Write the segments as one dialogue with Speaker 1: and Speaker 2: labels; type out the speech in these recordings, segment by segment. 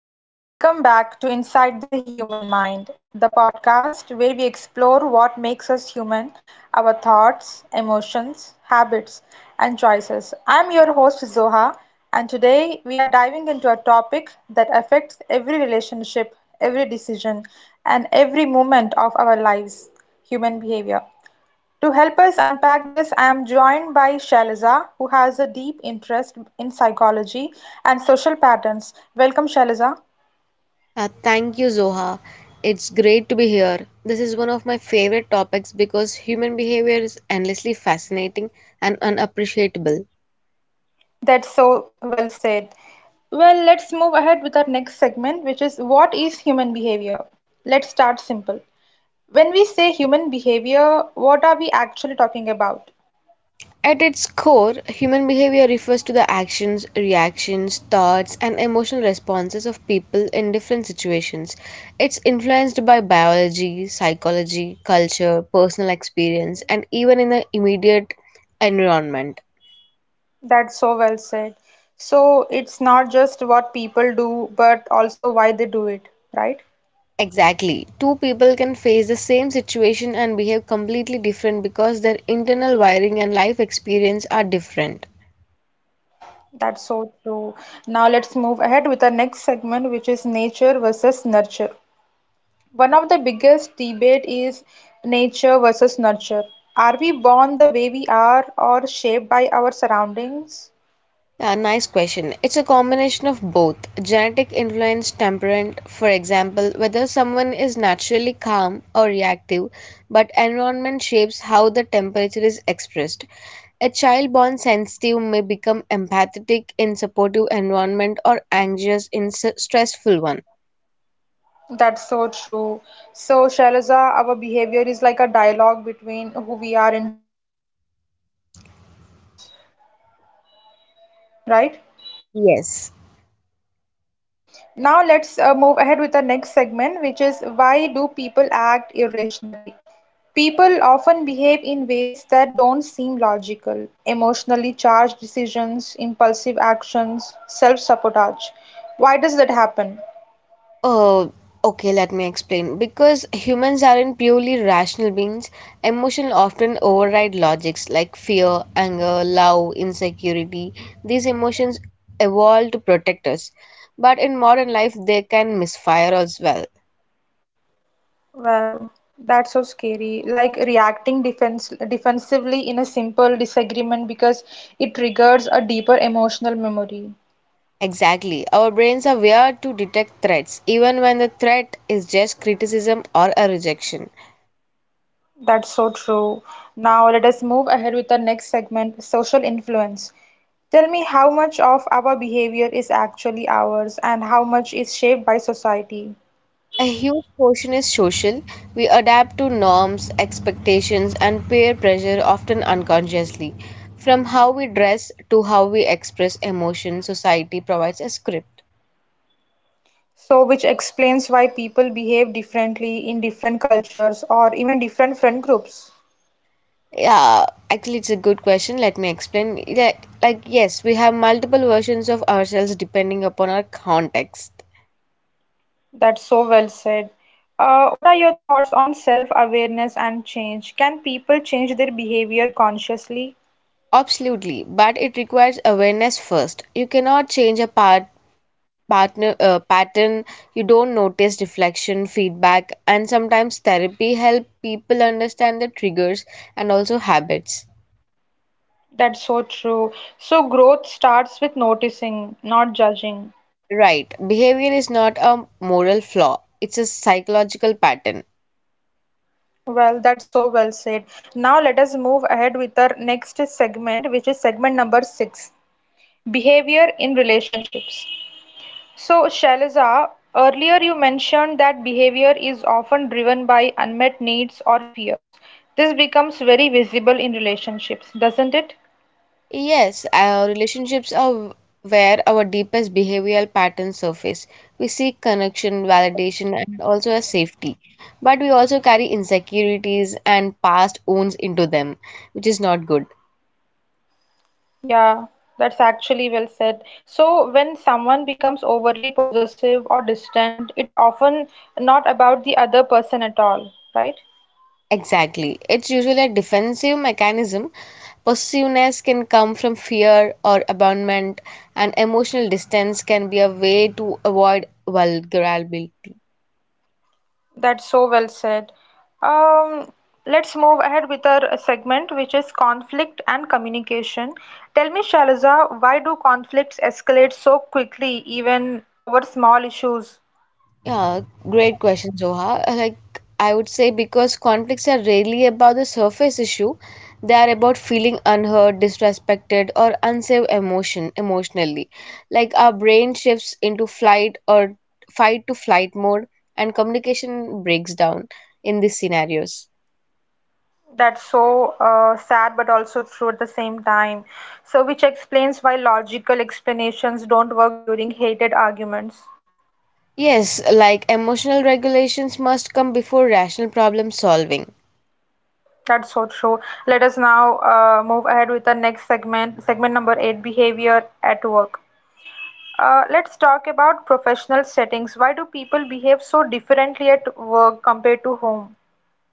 Speaker 1: Hello, and welcome back to Inside the Human Mind, the podcast where we explore what makes us human, our thoughts, emotions, habits, and choices. I'm your host, Zoha, and today we are diving into a topic that affects every relationship, every decision, and every moment of our lives human behavior. To help us unpack this, I am joined by Shailaja, who has a deep interest in psychology and social patterns. Welcome, Shailaja.
Speaker 2: Thank you, Zoha. It's great to be here. This is one of my favorite topics because human behavior is endlessly fascinating and unappreciable.
Speaker 1: That's so well said. Well, let's move ahead with our next segment, which is what is human behavior? Let's start simple. When we say human behavior, what are we actually talking about?
Speaker 2: At its core, human behavior refers to the actions, reactions, thoughts, and emotional responses of people in different situations. It's influenced by biology, psychology, culture, personal experience, and even in the immediate environment.
Speaker 1: That's so well said. So, it's not just what people do, but also why they do it, right?
Speaker 2: Exactly. Two people can face the same situation and behave completely different because their internal wiring and life experience are different.
Speaker 1: That's so true. Now let's move ahead with our next segment, which is nature versus nurture. One of the biggest debate is nature versus nurture. Are we born the way we are or shaped by our surroundings?
Speaker 2: Yeah, nice question. It's a combination of both genetic influence, temperament, for example, whether someone is naturally calm or reactive, but environment shapes how the temperature is expressed. A child born sensitive may become empathetic in supportive environment or anxious in stressful one.
Speaker 1: That's so true. So, Shailaja, our behavior is like a dialogue between who we are inside and what the world does to us, right?
Speaker 2: Yes.
Speaker 1: Yeah. Now let's move ahead with the next segment, which is why do people act irrationally? People often behave in ways that don't seem logical: emotionally charged decisions, impulsive actions, self-sabotage. Why does that happen?
Speaker 2: Oh, okay, let me explain. Because humans aren't purely rational beings, emotions often override logics like fear, anger, love, insecurity. These emotions evolved to protect us, but in modern life, they can misfire as well.
Speaker 1: Well, that's so scary. Like reacting defense defensively in a simple disagreement because it triggers a deeper emotional memory.
Speaker 2: Exactly. Our brains are wired to detect threats, even when the threat is just criticism or a rejection.
Speaker 1: That's so true. Now let us move ahead with the next segment, social influence. Tell me how much of our behavior is actually ours and how much is shaped by society.
Speaker 2: A huge portion is social. We adapt to norms, expectations, and peer pressure often unconsciously. From how we dress to how we express emotion, society provides a script.
Speaker 1: So, which explains why people behave differently in different cultures or even different friend groups.
Speaker 2: Yeah, actually, it's a good question. Let me explain. Like, yes, we have multiple versions of ourselves depending upon our context.
Speaker 1: That's so well said. What are your thoughts on self-awareness and change? Can people change their behavior consciously?
Speaker 2: Absolutely, but it requires awareness first. You cannot change a part partner pattern you don't notice, reflection, feedback, and sometimes therapy help people understand their triggers and also habits.
Speaker 1: That's so true. So, growth starts with noticing, not judging.
Speaker 2: Right, behavior is not a moral flaw, it's a psychological pattern.
Speaker 1: Well, that's so well said. Now, let us move ahead with our next segment, which is segment number six, behavior in relationships. So, Shailaja, earlier you mentioned that behavior is often driven by unmet needs or fears. This becomes very visible in relationships, doesn't it?
Speaker 2: Yes, our relationships are where our deepest behavioral patterns surface. We seek connection, validation, and also a safety, but we also carry insecurities and past wounds into them, which is not good.
Speaker 1: Yeah, that's actually well said. So, when someone becomes overly possessive or distant, it often not about the other person at all, right?
Speaker 2: Exactly. It's usually a defensive mechanism. Possessiveness can come from fear or abandonment, and emotional distance can be a way to avoid vulnerability.
Speaker 1: That's so well said. Um, let's move ahead with our segment, which is conflict and communication. Tell me, Shaliza, why do conflicts escalate so quickly, even over small issues?
Speaker 2: Yeah, great question, Zoha. Like, I would say because conflicts are rarely about the surface issue, they are about feeling unheard, disrespected, or unsafe emotionally. Like our brain shifts into flight or fight to flight mode, and communication breaks down in these scenarios.
Speaker 1: That's so sad, but also true at the same time. So, which explains why logical explanations don't work during hated arguments.
Speaker 2: Yes, like emotional regulations must come before rational problem solving.
Speaker 1: That's so true. Let us now move ahead with the next segment, segment number eight, behavior at work. Let's talk about professional settings. Why do people behave so differently at work compared to home?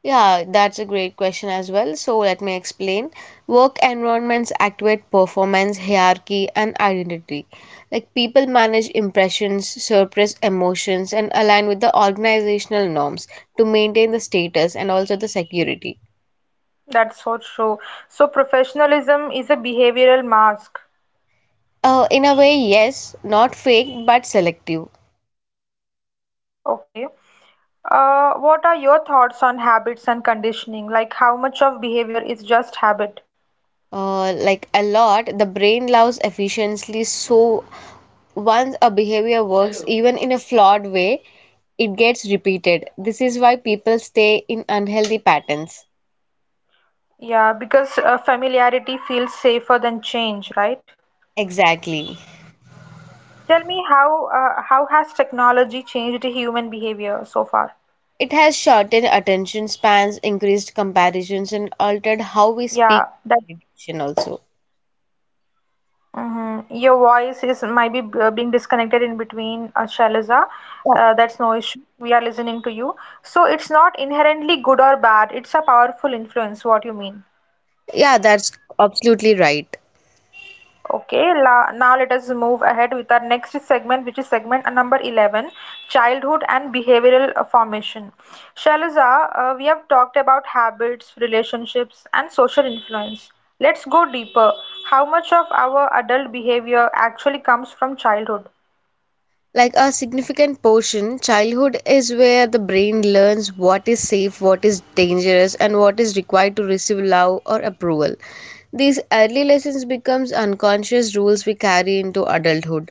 Speaker 2: Yeah, that's a great question as well. So let me explain. Work environments activate performance, hierarchy, and identity. Like people manage impressions, suppress emotions, and align with the organizational norms to maintain the status and also the security.
Speaker 1: That's so true. So, professionalism is a behavioral mask.
Speaker 2: In a way, yes, not fake but selective.
Speaker 1: Okay. What are your thoughts on habits and conditioning? Like, how much of behavior is just habit?
Speaker 2: Like a lot. The brain loves efficiency, so once a behavior works even in a flawed way, it gets repeated. This is why people stay in unhealthy patterns.
Speaker 1: Yeah, because familiarity feels safer than change, right?
Speaker 2: Exactly.
Speaker 1: Tell me how has technology changed human behavior so far?
Speaker 2: It has shortened attention spans, increased comparisons, and altered how we
Speaker 1: Yeah,
Speaker 2: speak.
Speaker 1: that
Speaker 2: Validation also.
Speaker 1: hmm. Your voice is might be being disconnected in between, Shailaja.
Speaker 2: Yeah,
Speaker 1: That's no issue. We are listening to you. So it's not inherently good or bad. It's a powerful influence, what you mean.
Speaker 2: yeah that's absolutely right.
Speaker 1: Okay, la now let us move ahead with our next segment, which is segment number 11, childhood and behavioral formation. Shailaja, we have talked about habits, relationships, and social influence. Let's go deeper. How much of our adult behavior actually comes from childhood?
Speaker 2: Like a significant portion, childhood is where the brain learns what is safe, what is dangerous, and what is required to receive love or approval. These early lessons becomes unconscious rules we carry into adulthood.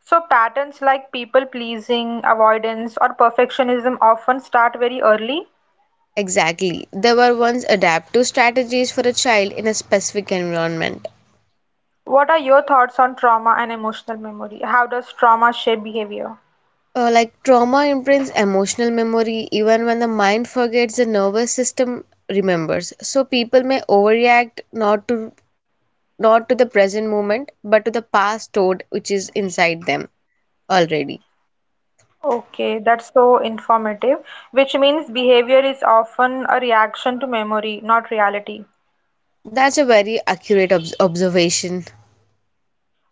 Speaker 1: So, patterns like people pleasing, avoidance, or perfectionism often start very early.
Speaker 2: Exactly, there were once adaptive strategies for a child in a specific environment.
Speaker 1: What are your thoughts on trauma and emotional memory? How does trauma shape behavior?
Speaker 2: Like trauma imprints emotional memory even when the mind forgets. The nervous system remembers, so people may overreact, not to the present moment, but to the past stored which is inside them already.
Speaker 1: Okay, that's so informative, which means behavior is often a reaction to memory, not reality.
Speaker 2: That's a very accurate observation.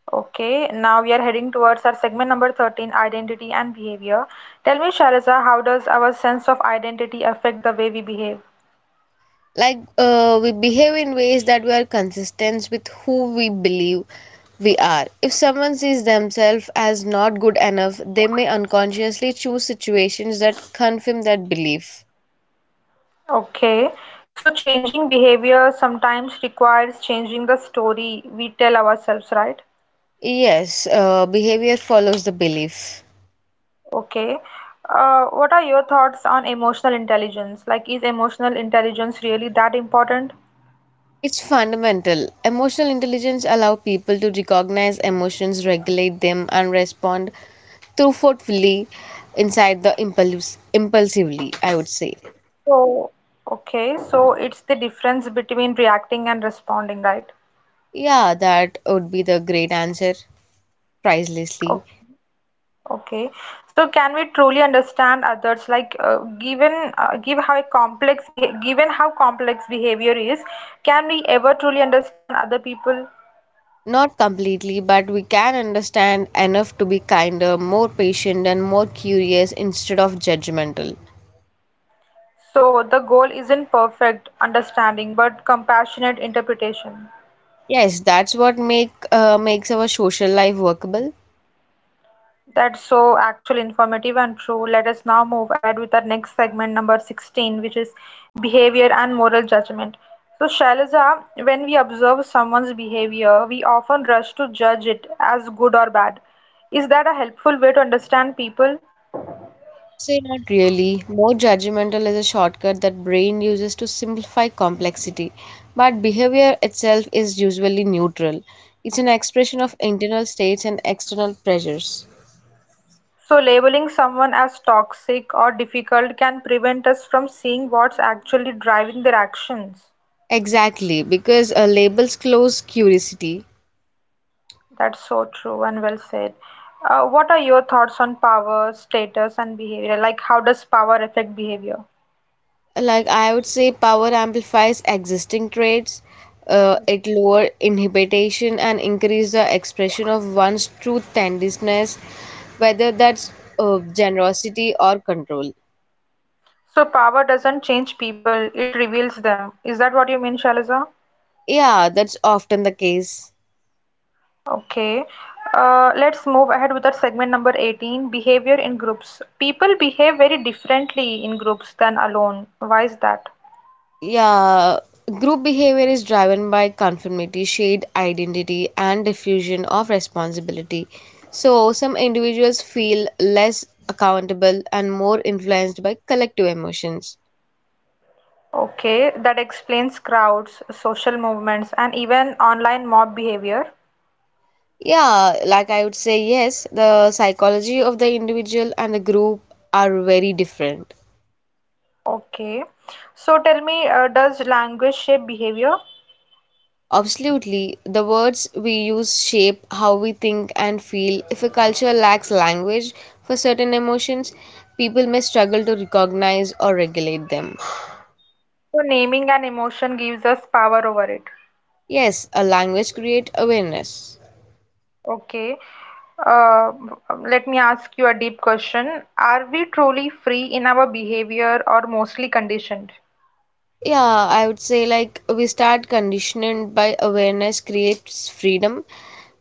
Speaker 1: Okay, now we are heading towards our segment number 13 identity and behavior. Tell me, Shariza, how does our sense of identity affect the way we behave?
Speaker 2: Like, we behave in ways that we are consistent with who we believe we are. If someone sees themselves as not good enough, they may unconsciously choose situations that confirm that belief.
Speaker 1: Okay, so changing behavior sometimes requires changing the story we tell ourselves, right?
Speaker 2: Yes, behavior follows the belief.
Speaker 1: Okay. What are your thoughts on emotional intelligence? Like, is emotional intelligence really that important?
Speaker 2: It's fundamental. Emotional intelligence allows people to recognize emotions, regulate them, and respond thoughtfully inside the impulse impulsively, I would say.
Speaker 1: So, okay, so it's the difference between reacting and responding, right?
Speaker 2: Yeah, that would be the great answer, pricelessly.
Speaker 1: O- Okay. So, can we truly understand others? Like, given how complex behavior is, can we ever truly understand other people?
Speaker 2: Not completely, but we can understand enough to be kinder, more patient, and more curious instead of judgmental.
Speaker 1: So the goal isn't perfect understanding but compassionate interpretation.
Speaker 2: Yes, that's what make makes our social life workable.
Speaker 1: That's so actual informative and true. Let us now move ahead with our next segment, number 16, which is behavior and moral judgment. So, Shailaja, when we observe someone's behavior, we often rush to judge it as good or bad. Is that a helpful way to understand people?
Speaker 2: Say not really. More judgmental is a shortcut that brain uses to simplify complexity, but behavior itself is usually neutral. It's an expression of internal states and external pressures.
Speaker 1: So, labeling someone as toxic or difficult can prevent us from seeing what's actually driving their actions.
Speaker 2: Exactly, because labels close curiosity.
Speaker 1: That's so true and well said. What are your thoughts on power, status, and behavior? Like, how does power affect behavior?
Speaker 2: Like I would say, power amplifies existing traits. It lower inhibition and increase the expression of one's true tendencies, whether that's generosity or control.
Speaker 1: So, power doesn't change people, it reveals them. Is that what you mean, Shaliza?
Speaker 2: Yeah, that's often the case.
Speaker 1: Okay. Let's move ahead with our segment number 18 behavior in groups. People behave very differently in groups than alone. Why is that?
Speaker 2: Yeah, group behavior is driven by conformity, shared identity, and diffusion of responsibility. So, some individuals feel less accountable and more influenced by collective emotions.
Speaker 1: Okay, that explains crowds, social movements, and even online mob behavior.
Speaker 2: Yeah, like I would say, yes, the psychology of the individual and the group are very different.
Speaker 1: Okay. So tell me, does language shape behavior?
Speaker 2: Absolutely. The words we use shape how we think and feel. If a culture lacks language for certain emotions, people may struggle to recognize or regulate them.
Speaker 1: So naming an emotion gives us power over it.
Speaker 2: Yes, a language creates awareness.
Speaker 1: Okay. Uh, Let me ask you a deep question. Are we truly free in our behavior or mostly conditioned?
Speaker 2: Yeah, I would say like we start conditioning by awareness creates freedom.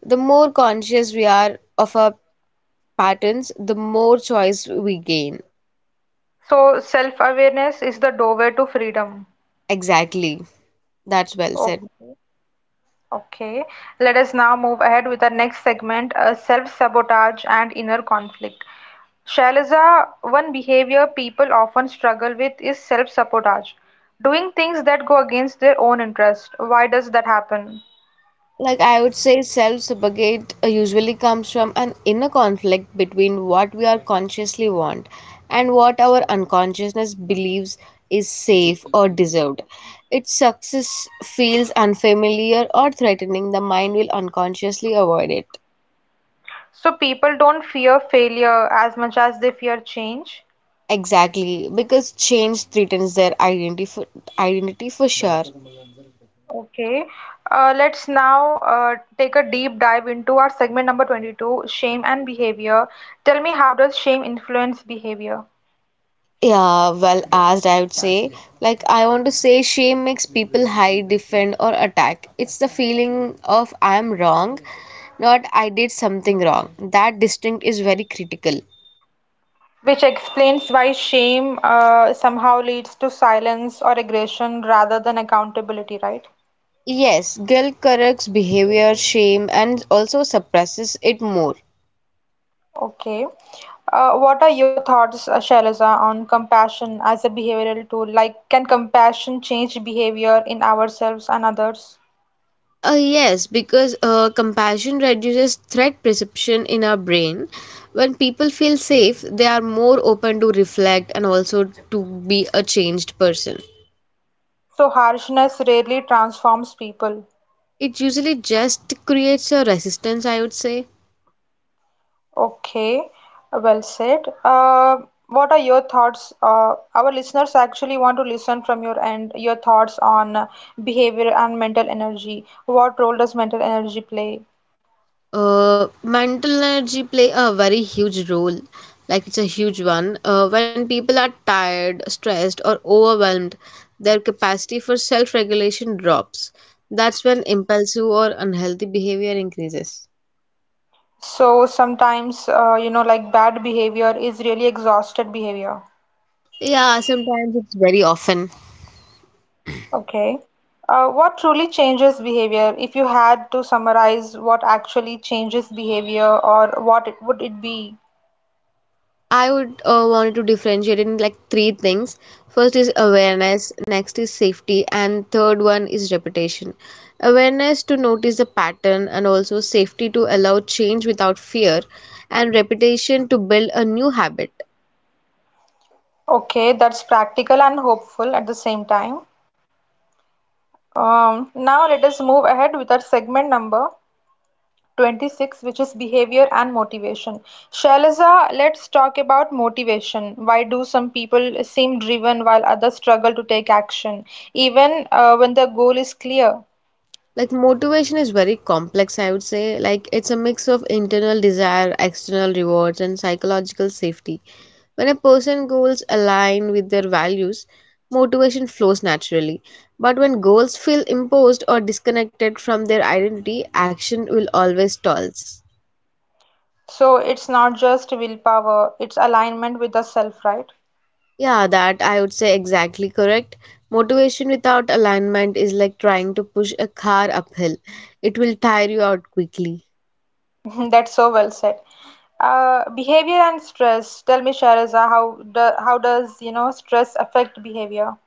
Speaker 2: The more conscious we are of our patterns, the more choice we gain.
Speaker 1: So self-awareness is the doorway to freedom.
Speaker 2: Exactly. That's well said.
Speaker 1: Okay. Okay. Let us now move ahead with the next segment, self-sabotage and inner conflict. Shailaja, one behavior people often struggle with is self-sabotage, doing things that go against their own interest. Why does that happen?
Speaker 2: Like I would say, self sabotage usually comes from an inner conflict between what we are consciously want and what our unconsciousness believes is safe or deserved. Its success feels unfamiliar or threatening, the mind will unconsciously avoid it.
Speaker 1: So people don't fear failure as much as they fear change.
Speaker 2: Exactly, because change threatens their identity for sure.
Speaker 1: Okay, let's now take a deep dive into our segment number 22, shame and behavior. Tell me, how does shame influence behavior?
Speaker 2: Yeah, well asked, I would say. Like, I want to say shame makes people hide, defend, or attack. It's the feeling of I'm wrong, not I did something wrong. That distinct is very critical.
Speaker 1: Which explains why shame somehow leads to silence or aggression rather than accountability, right?
Speaker 2: Yes, guilt corrects behavior, shame, and also suppresses it more.
Speaker 1: Okay. What are your thoughts, Shailaja, on compassion as a behavioral tool? Like, can compassion change behavior in ourselves and others?
Speaker 2: Yes, because compassion reduces threat perception in our brain. When people feel safe, they are more open to reflect and also to be a changed person.
Speaker 1: So, harshness rarely transforms people.
Speaker 2: It usually just creates a resistance, I would say.
Speaker 1: Okay, well said. What are your thoughts? Our listeners actually want to listen from your end your thoughts on behavior and mental energy. What role does mental energy play?
Speaker 2: Mental energy play a very huge role. Like it's a huge one. When people are tired, stressed, or overwhelmed, their capacity for self-regulation drops. That's when impulsive or unhealthy behavior increases.
Speaker 1: So, sometimes, you know, like bad behavior is really exhausted behavior.
Speaker 2: Yeah, sometimes it's very often.
Speaker 1: Okay. What truly changes behavior? If you had to summarize what actually changes behavior or what it, would it be?
Speaker 2: I would wanted to differentiate in like three things. First is awareness, next is safety, and third one is reputation. Awareness to notice the pattern, and also safety to allow change without fear, and reputation to build a new habit.
Speaker 1: Okay, that's practical and hopeful at the same time. Now let us move ahead with our segment number 26, which is behavior and motivation. Shailaza, let's talk about motivation. Why do some people seem driven while others struggle to take action, even when the goal is clear?
Speaker 2: Like motivation is very complex, I would say. Like it's a mix of internal desire, external rewards, and psychological safety. When a person's goals align with their values, motivation flows naturally. But when goals feel imposed or disconnected from their identity, action will always stalls.
Speaker 1: So it's not just willpower, it's alignment with the self, right?
Speaker 2: Yeah, that I would say exactly correct. Motivation without alignment is like trying to push a car uphill. It will tire you out quickly.
Speaker 1: That's so well said. Behavior and stress. Tell me, Shahrazad, how does you know stress affect behavior?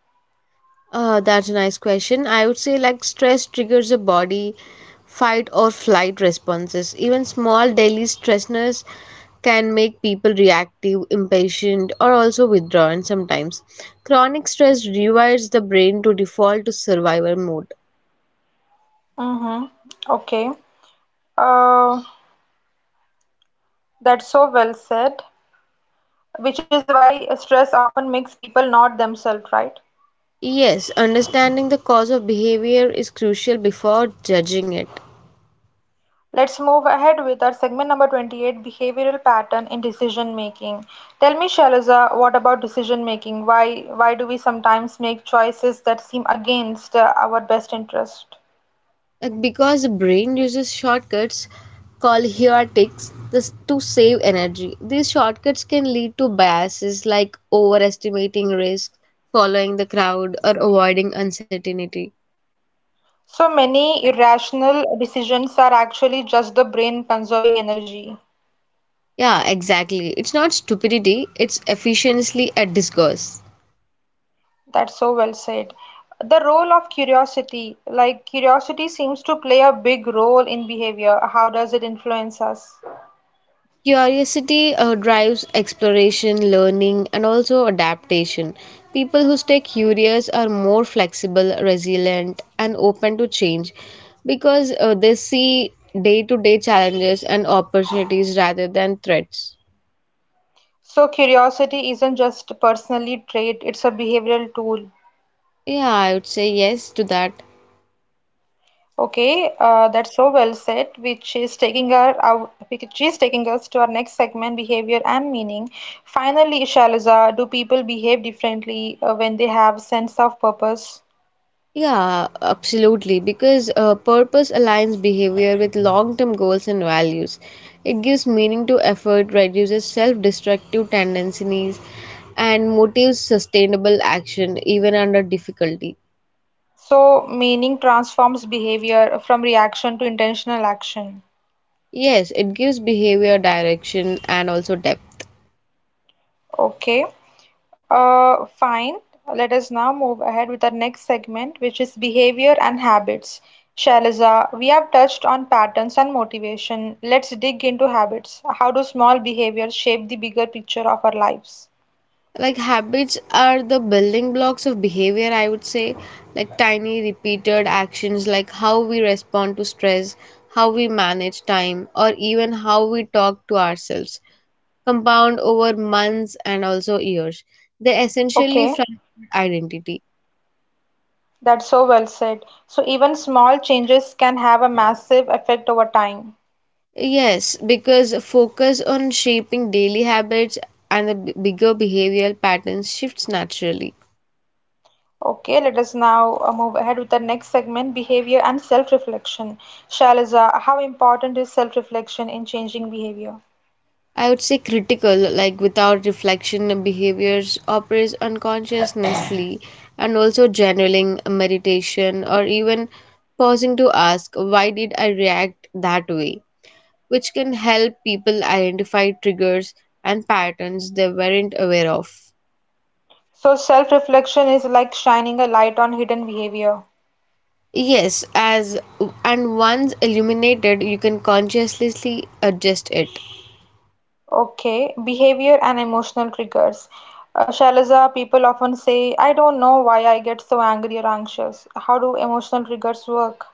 Speaker 2: That's a nice question. I would say like stress triggers the body fight or flight responses. Even small daily stressors can make people reactive, impatient, or also withdrawn sometimes. Chronic stress rewires the brain to default to survival mode.
Speaker 1: Mm-hmm. Okay. Uh, that's so well said. Which is why stress often makes people not themselves, right?
Speaker 2: Yes, understanding the cause of behavior is crucial before judging it.
Speaker 1: Let's move ahead with our segment number 28 behavioral pattern in decision making. Tell me, Shalaza, what about decision making? Why do we sometimes make choices that seem against our best interest?
Speaker 2: Like because the brain uses shortcuts called heuristics to save energy. These shortcuts can lead to biases like overestimating risk, following the crowd, or avoiding uncertainty.
Speaker 1: So many irrational decisions are actually just the brain conserving energy.
Speaker 2: Yeah, exactly. It's not stupidity, it's efficiency at disguise.
Speaker 1: That's so well said. The role of curiosity, like curiosity seems to play a big role in behavior. How does it influence us?
Speaker 2: Curiosity drives exploration, learning, and also adaptation. People who stay curious are more flexible, resilient, and open to change because they see day to day challenges and opportunities rather than threats.
Speaker 1: So curiosity isn't just a personally trait, it's a behavioral tool.
Speaker 2: Yeah, I would say yes to that.
Speaker 1: Okay, that's so well said, which is taking us to our next segment, behavior and meaning. Finally, Shaliza, do people behave differently when they have sense of purpose?
Speaker 2: Yeah, absolutely. Because purpose aligns behavior with long term goals and values. It gives meaning to effort, reduces self destructive tendencies, and motives sustainable action even under difficulty.
Speaker 1: So meaning transforms behavior from reaction to intentional action.
Speaker 2: Yes, it gives behavior direction and also depth.
Speaker 1: Okay. Fine. Let us now move ahead with our next segment, which is behavior and habits. Shailaja, we have touched on patterns and motivation. Let's dig into habits. How do small behaviors shape the bigger picture of our lives?
Speaker 2: Like habits are the building blocks of behavior, I would say. Like tiny repeated actions, like how we respond to stress, how we manage time, or even how we talk to ourselves, compound over months and also years. They
Speaker 1: Okay,
Speaker 2: essentially form our identity.
Speaker 1: that's so well said. So, even small changes can have a massive effect over time.
Speaker 2: Yes, because focus on shaping daily habits and the bigger behavioral patterns shifts naturally.
Speaker 1: Okay, let us now move ahead with the next segment, behavior and self-reflection. Shailaja, how important is self-reflection in changing behavior?
Speaker 2: I would say critical, like without reflection, behaviors operates unconsciously, and also journaling, meditation, or even pausing to ask, "Why did I react that way?" which can help people identify triggers and patterns they weren't aware of.
Speaker 1: So self-reflection is like shining a light on hidden behavior.
Speaker 2: Yes, as and once illuminated, you can consciously adjust it.
Speaker 1: Okay, behavior and emotional triggers. Shailaja, people often say, I don't know why I get so angry or anxious. How do emotional triggers work?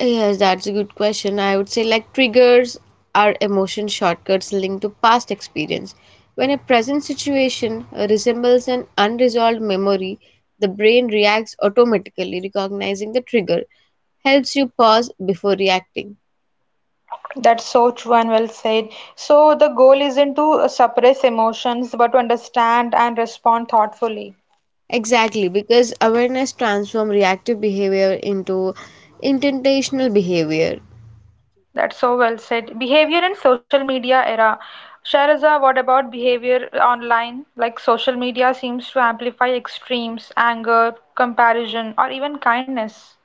Speaker 2: Yes, that's a good question. I would say like triggers are emotion shortcuts linked to past experience. When a present situation resembles an unresolved memory, the brain reacts automatically, recognizing the trigger, helps you pause before reacting.
Speaker 1: That's so true and well said. So the goal isn't to suppress emotions, but to understand and respond thoughtfully.
Speaker 2: Exactly, because awareness transforms reactive behavior into intentional behavior.
Speaker 1: That's so well said. Behavior and social media era. Sharaza. What about behavior online? Like social media seems to amplify extremes, anger, comparison, or even kindness.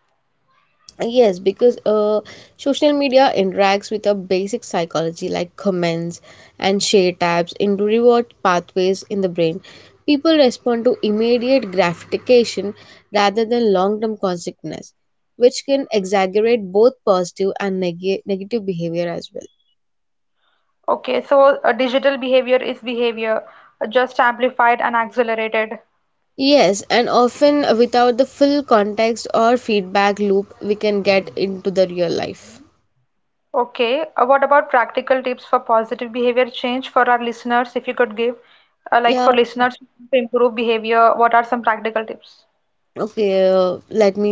Speaker 2: Yes, because social media interacts with a basic psychology like comments and share tabs into reward pathways in the brain. People respond to immediate gratification rather than long term consequences, which can exaggerate both positive and negative behavior as well.
Speaker 1: Okay, so digital behavior is behavior just amplified and accelerated.
Speaker 2: Yes, and often without the full context or feedback loop, we can get into the real life.
Speaker 1: Okay, what about practical tips for positive behavior change for our listeners? If you could give, like
Speaker 2: Yeah,
Speaker 1: for listeners to improve behavior, what are some practical tips?
Speaker 2: okay, let me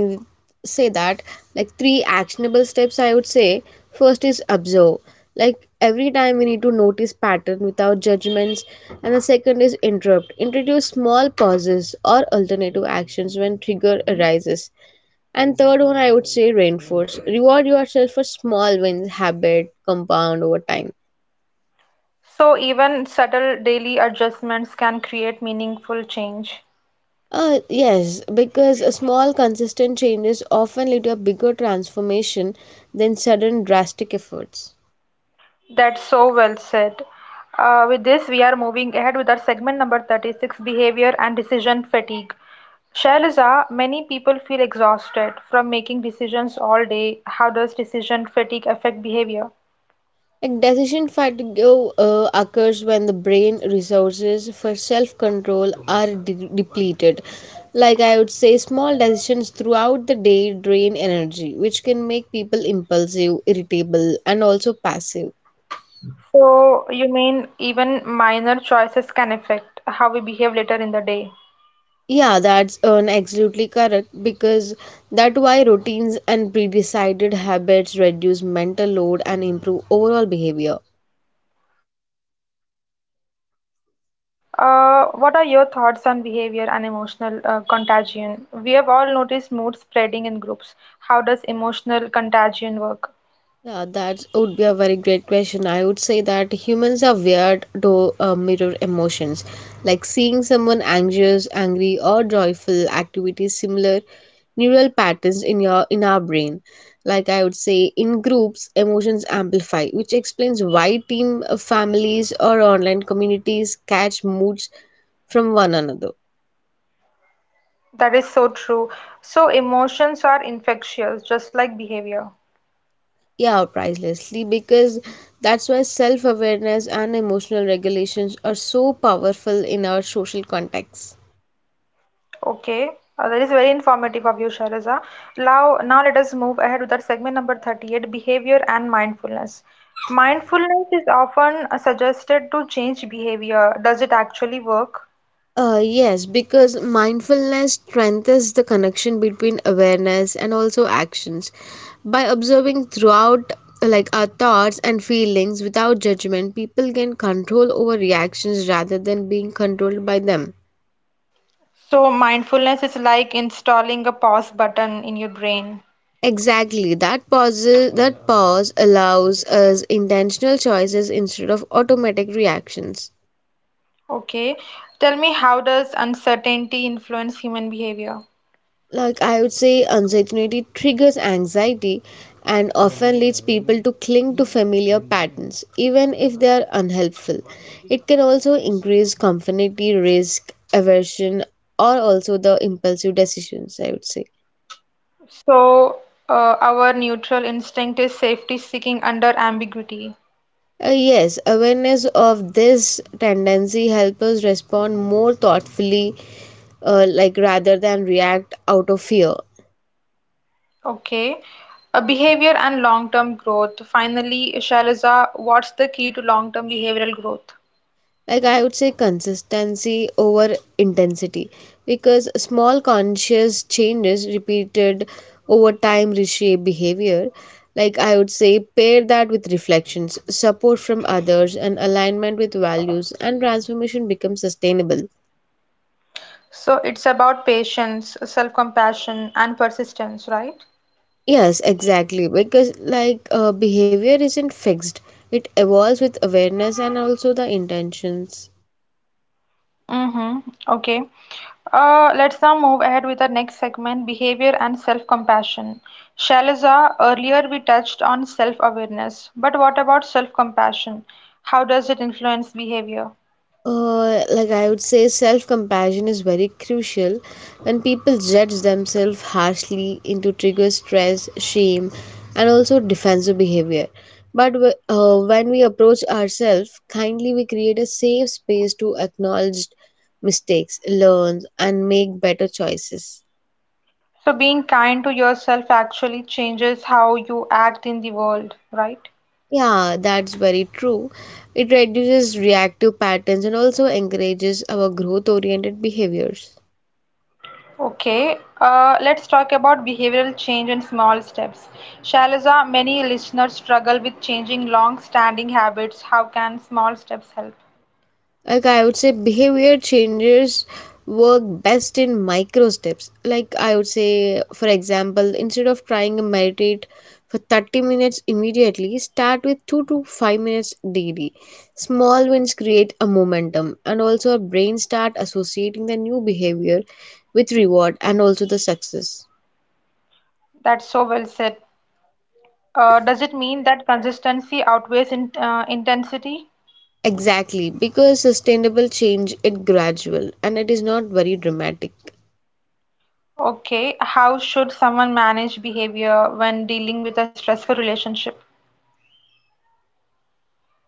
Speaker 2: say that, like, three actionable steps, I would say. First is observe, like every time we need to notice pattern without judgments. And the second is interrupt, introduce small pauses or alternative actions when trigger arises. And third one, I would say, reinforce, reward yourself for small wins, habit compound over time.
Speaker 1: So even subtle daily adjustments can create meaningful change.
Speaker 2: Yes because a small consistent changes often lead to a bigger transformation than sudden drastic efforts.
Speaker 1: That's so well said. With this, we are moving ahead with our segment number 36 behavior and decision fatigue. Shailaja, many people feel exhausted from making decisions all day. How does decision fatigue affect behavior?
Speaker 2: Like decision fatigue occurs when the brain resources for self-control are depleted. Like I would say, small decisions throughout the day drain energy, which can make people impulsive, irritable, and also passive.
Speaker 1: So, you mean even minor choices can affect how we behave later in the day?
Speaker 2: Yeah, that's an absolutely correct, because that why routines and pre-decided habits reduce mental load and improve overall behavior.
Speaker 1: Okay, that is very informative. What are your thoughts on behavior and emotional contagion? We have all noticed mood spreading in groups. How does emotional contagion work?
Speaker 2: Yeah, that would be a very great question. I would say that humans are weird to mirror emotions. Like seeing someone anxious, angry, or joyful activates similar neural patterns in our brain. Like I would say, in groups, emotions amplify, which explains why team, families, or online communities catch moods from one another.
Speaker 1: That is so true. So, emotions are infectious, just like behavior.
Speaker 2: Yeah, pricelessly, because that's why self awareness and emotional regulations are so powerful in our social context.
Speaker 1: Okay, that is very informative of you, Sharaza. Now let us move ahead with our segment number 38 behavior and mindfulness. Mindfulness is often suggested to change behavior. Does it actually work?
Speaker 2: Yes, because mindfulness strengthens the connection between awareness and also actions. By observing throughout, like, our thoughts and feelings without judgment, people gain control over reactions rather than being controlled by them.
Speaker 1: So mindfulness is like installing a pause button in your brain.
Speaker 2: Exactly. That pause allows us intentional choices instead of automatic reactions.
Speaker 1: Okay. Tell me, how does uncertainty influence human behavior?
Speaker 2: Like I would say uncertainty triggers anxiety and often leads people to cling to familiar patterns even if they are unhelpful. It can also increase conformity, risk aversion, or also the impulsive decisions, I would say.
Speaker 1: So, our neutral instinct is safety seeking under ambiguity.
Speaker 2: Yes, awareness of this tendency helps us respond more thoughtfully, like rather than react out of fear.
Speaker 1: Okay. A behavior and long-term growth. Finally, Shailaja, what's the key to long-term behavioral growth?
Speaker 2: Like I would say, consistency over intensity, because small conscious changes repeated over time reshape behavior. Like I would say, pair that with reflections, support from others, and alignment with values, and transformation becomes sustainable.
Speaker 1: So it's about patience, self-compassion, and persistence, right?
Speaker 2: Yes, exactly. Because, behavior isn't fixed, it evolves with awareness and also the intentions.
Speaker 1: Mm-hmm. Okay. Let's now move ahead with the next segment behavior and self compassion. Shalaza, earlier we touched on self awareness, but what about self compassion? How does it influence behavior?
Speaker 2: Like I would say, self compassion is very crucial. When people judge themselves harshly into trigger stress, shame, and also defensive behavior. But when we approach ourselves kindly, we create a safe space to acknowledge mistakes, learn, and make better choices.
Speaker 1: So, being kind to yourself actually changes how you act in the world, right?
Speaker 2: Yeah, that's very true. It reduces reactive patterns and also encourages our growth oriented behaviors.
Speaker 1: Okay, let's talk about behavioral change and small steps. Shalaza, many listeners struggle with changing long standing habits. How can small steps help?
Speaker 2: Like, I would say, behavior changes work best in micro steps. Like, I would say, for example, instead of trying to meditate for 30 minutes immediately, start with 2 to 5 minutes daily. Small wins create a momentum, and also our brain start associating the new behavior with reward and also the success.
Speaker 1: That's so well said. Does it mean that consistency outweighs intensity?
Speaker 2: Exactly, because sustainable change it gradual and it is not very dramatic.
Speaker 1: Okay, how should someone manage behavior when dealing with a stressful relationship?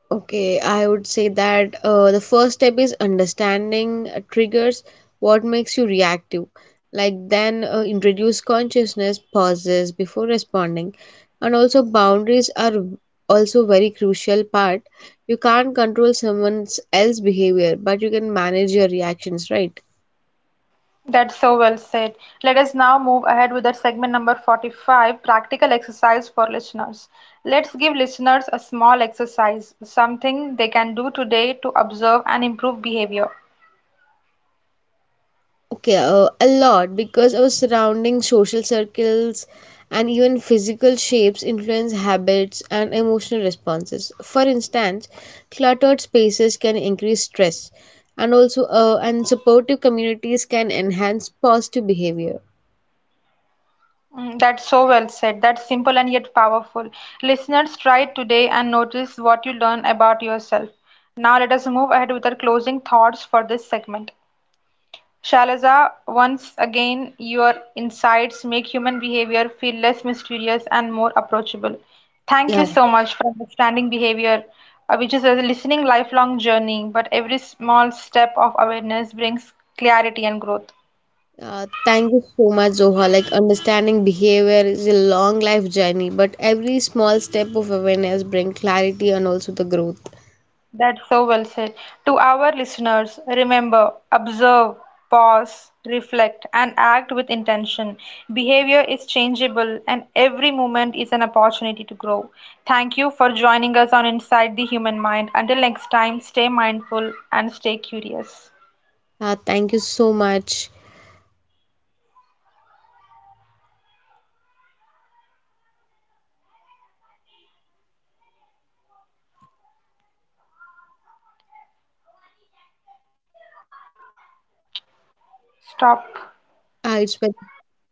Speaker 2: Okay, I would say that, the first step is understanding triggers, what makes you reactive. Like then, introduce consciousness pauses before responding, and also boundaries are also very crucial part. You can't control someone else's behavior, but you can manage your reactions, right?
Speaker 1: That's so well said. Let us now move ahead with the segment number 45 practical exercise for listeners. Let's give listeners a small exercise, something they can do today to observe and improve behavior.
Speaker 2: Okay, a lot, because our surrounding social circles, and even physical shapes influence habits and emotional responses. For instance, cluttered spaces can increase stress, and also and supportive communities can enhance positive behavior.
Speaker 1: Mm, that's so well said. That's simple and yet powerful. Listeners, try it today and notice what you learn about yourself. Now, let us move ahead with our closing thoughts for this segment. Shalaza, once again, your insights make human behavior feel less mysterious and more approachable. Thank
Speaker 2: Yeah,
Speaker 1: you so much for understanding behavior, which is a listening lifelong journey, but every small step of awareness brings clarity and growth.
Speaker 2: thank you so much, Zoha. Like understanding behavior is a long life journey, but every small step of awareness bring clarity and also the growth.
Speaker 1: That's so well said. To our listeners, remember, observe, pause, reflect, and act with intention. Behavior is changeable, and every moment is an opportunity to grow. Thank you for joining us on Inside the Human Mind. Until next time, stay mindful and stay curious.
Speaker 2: Thank you so much.
Speaker 1: Stop.
Speaker 2: It's very yeah.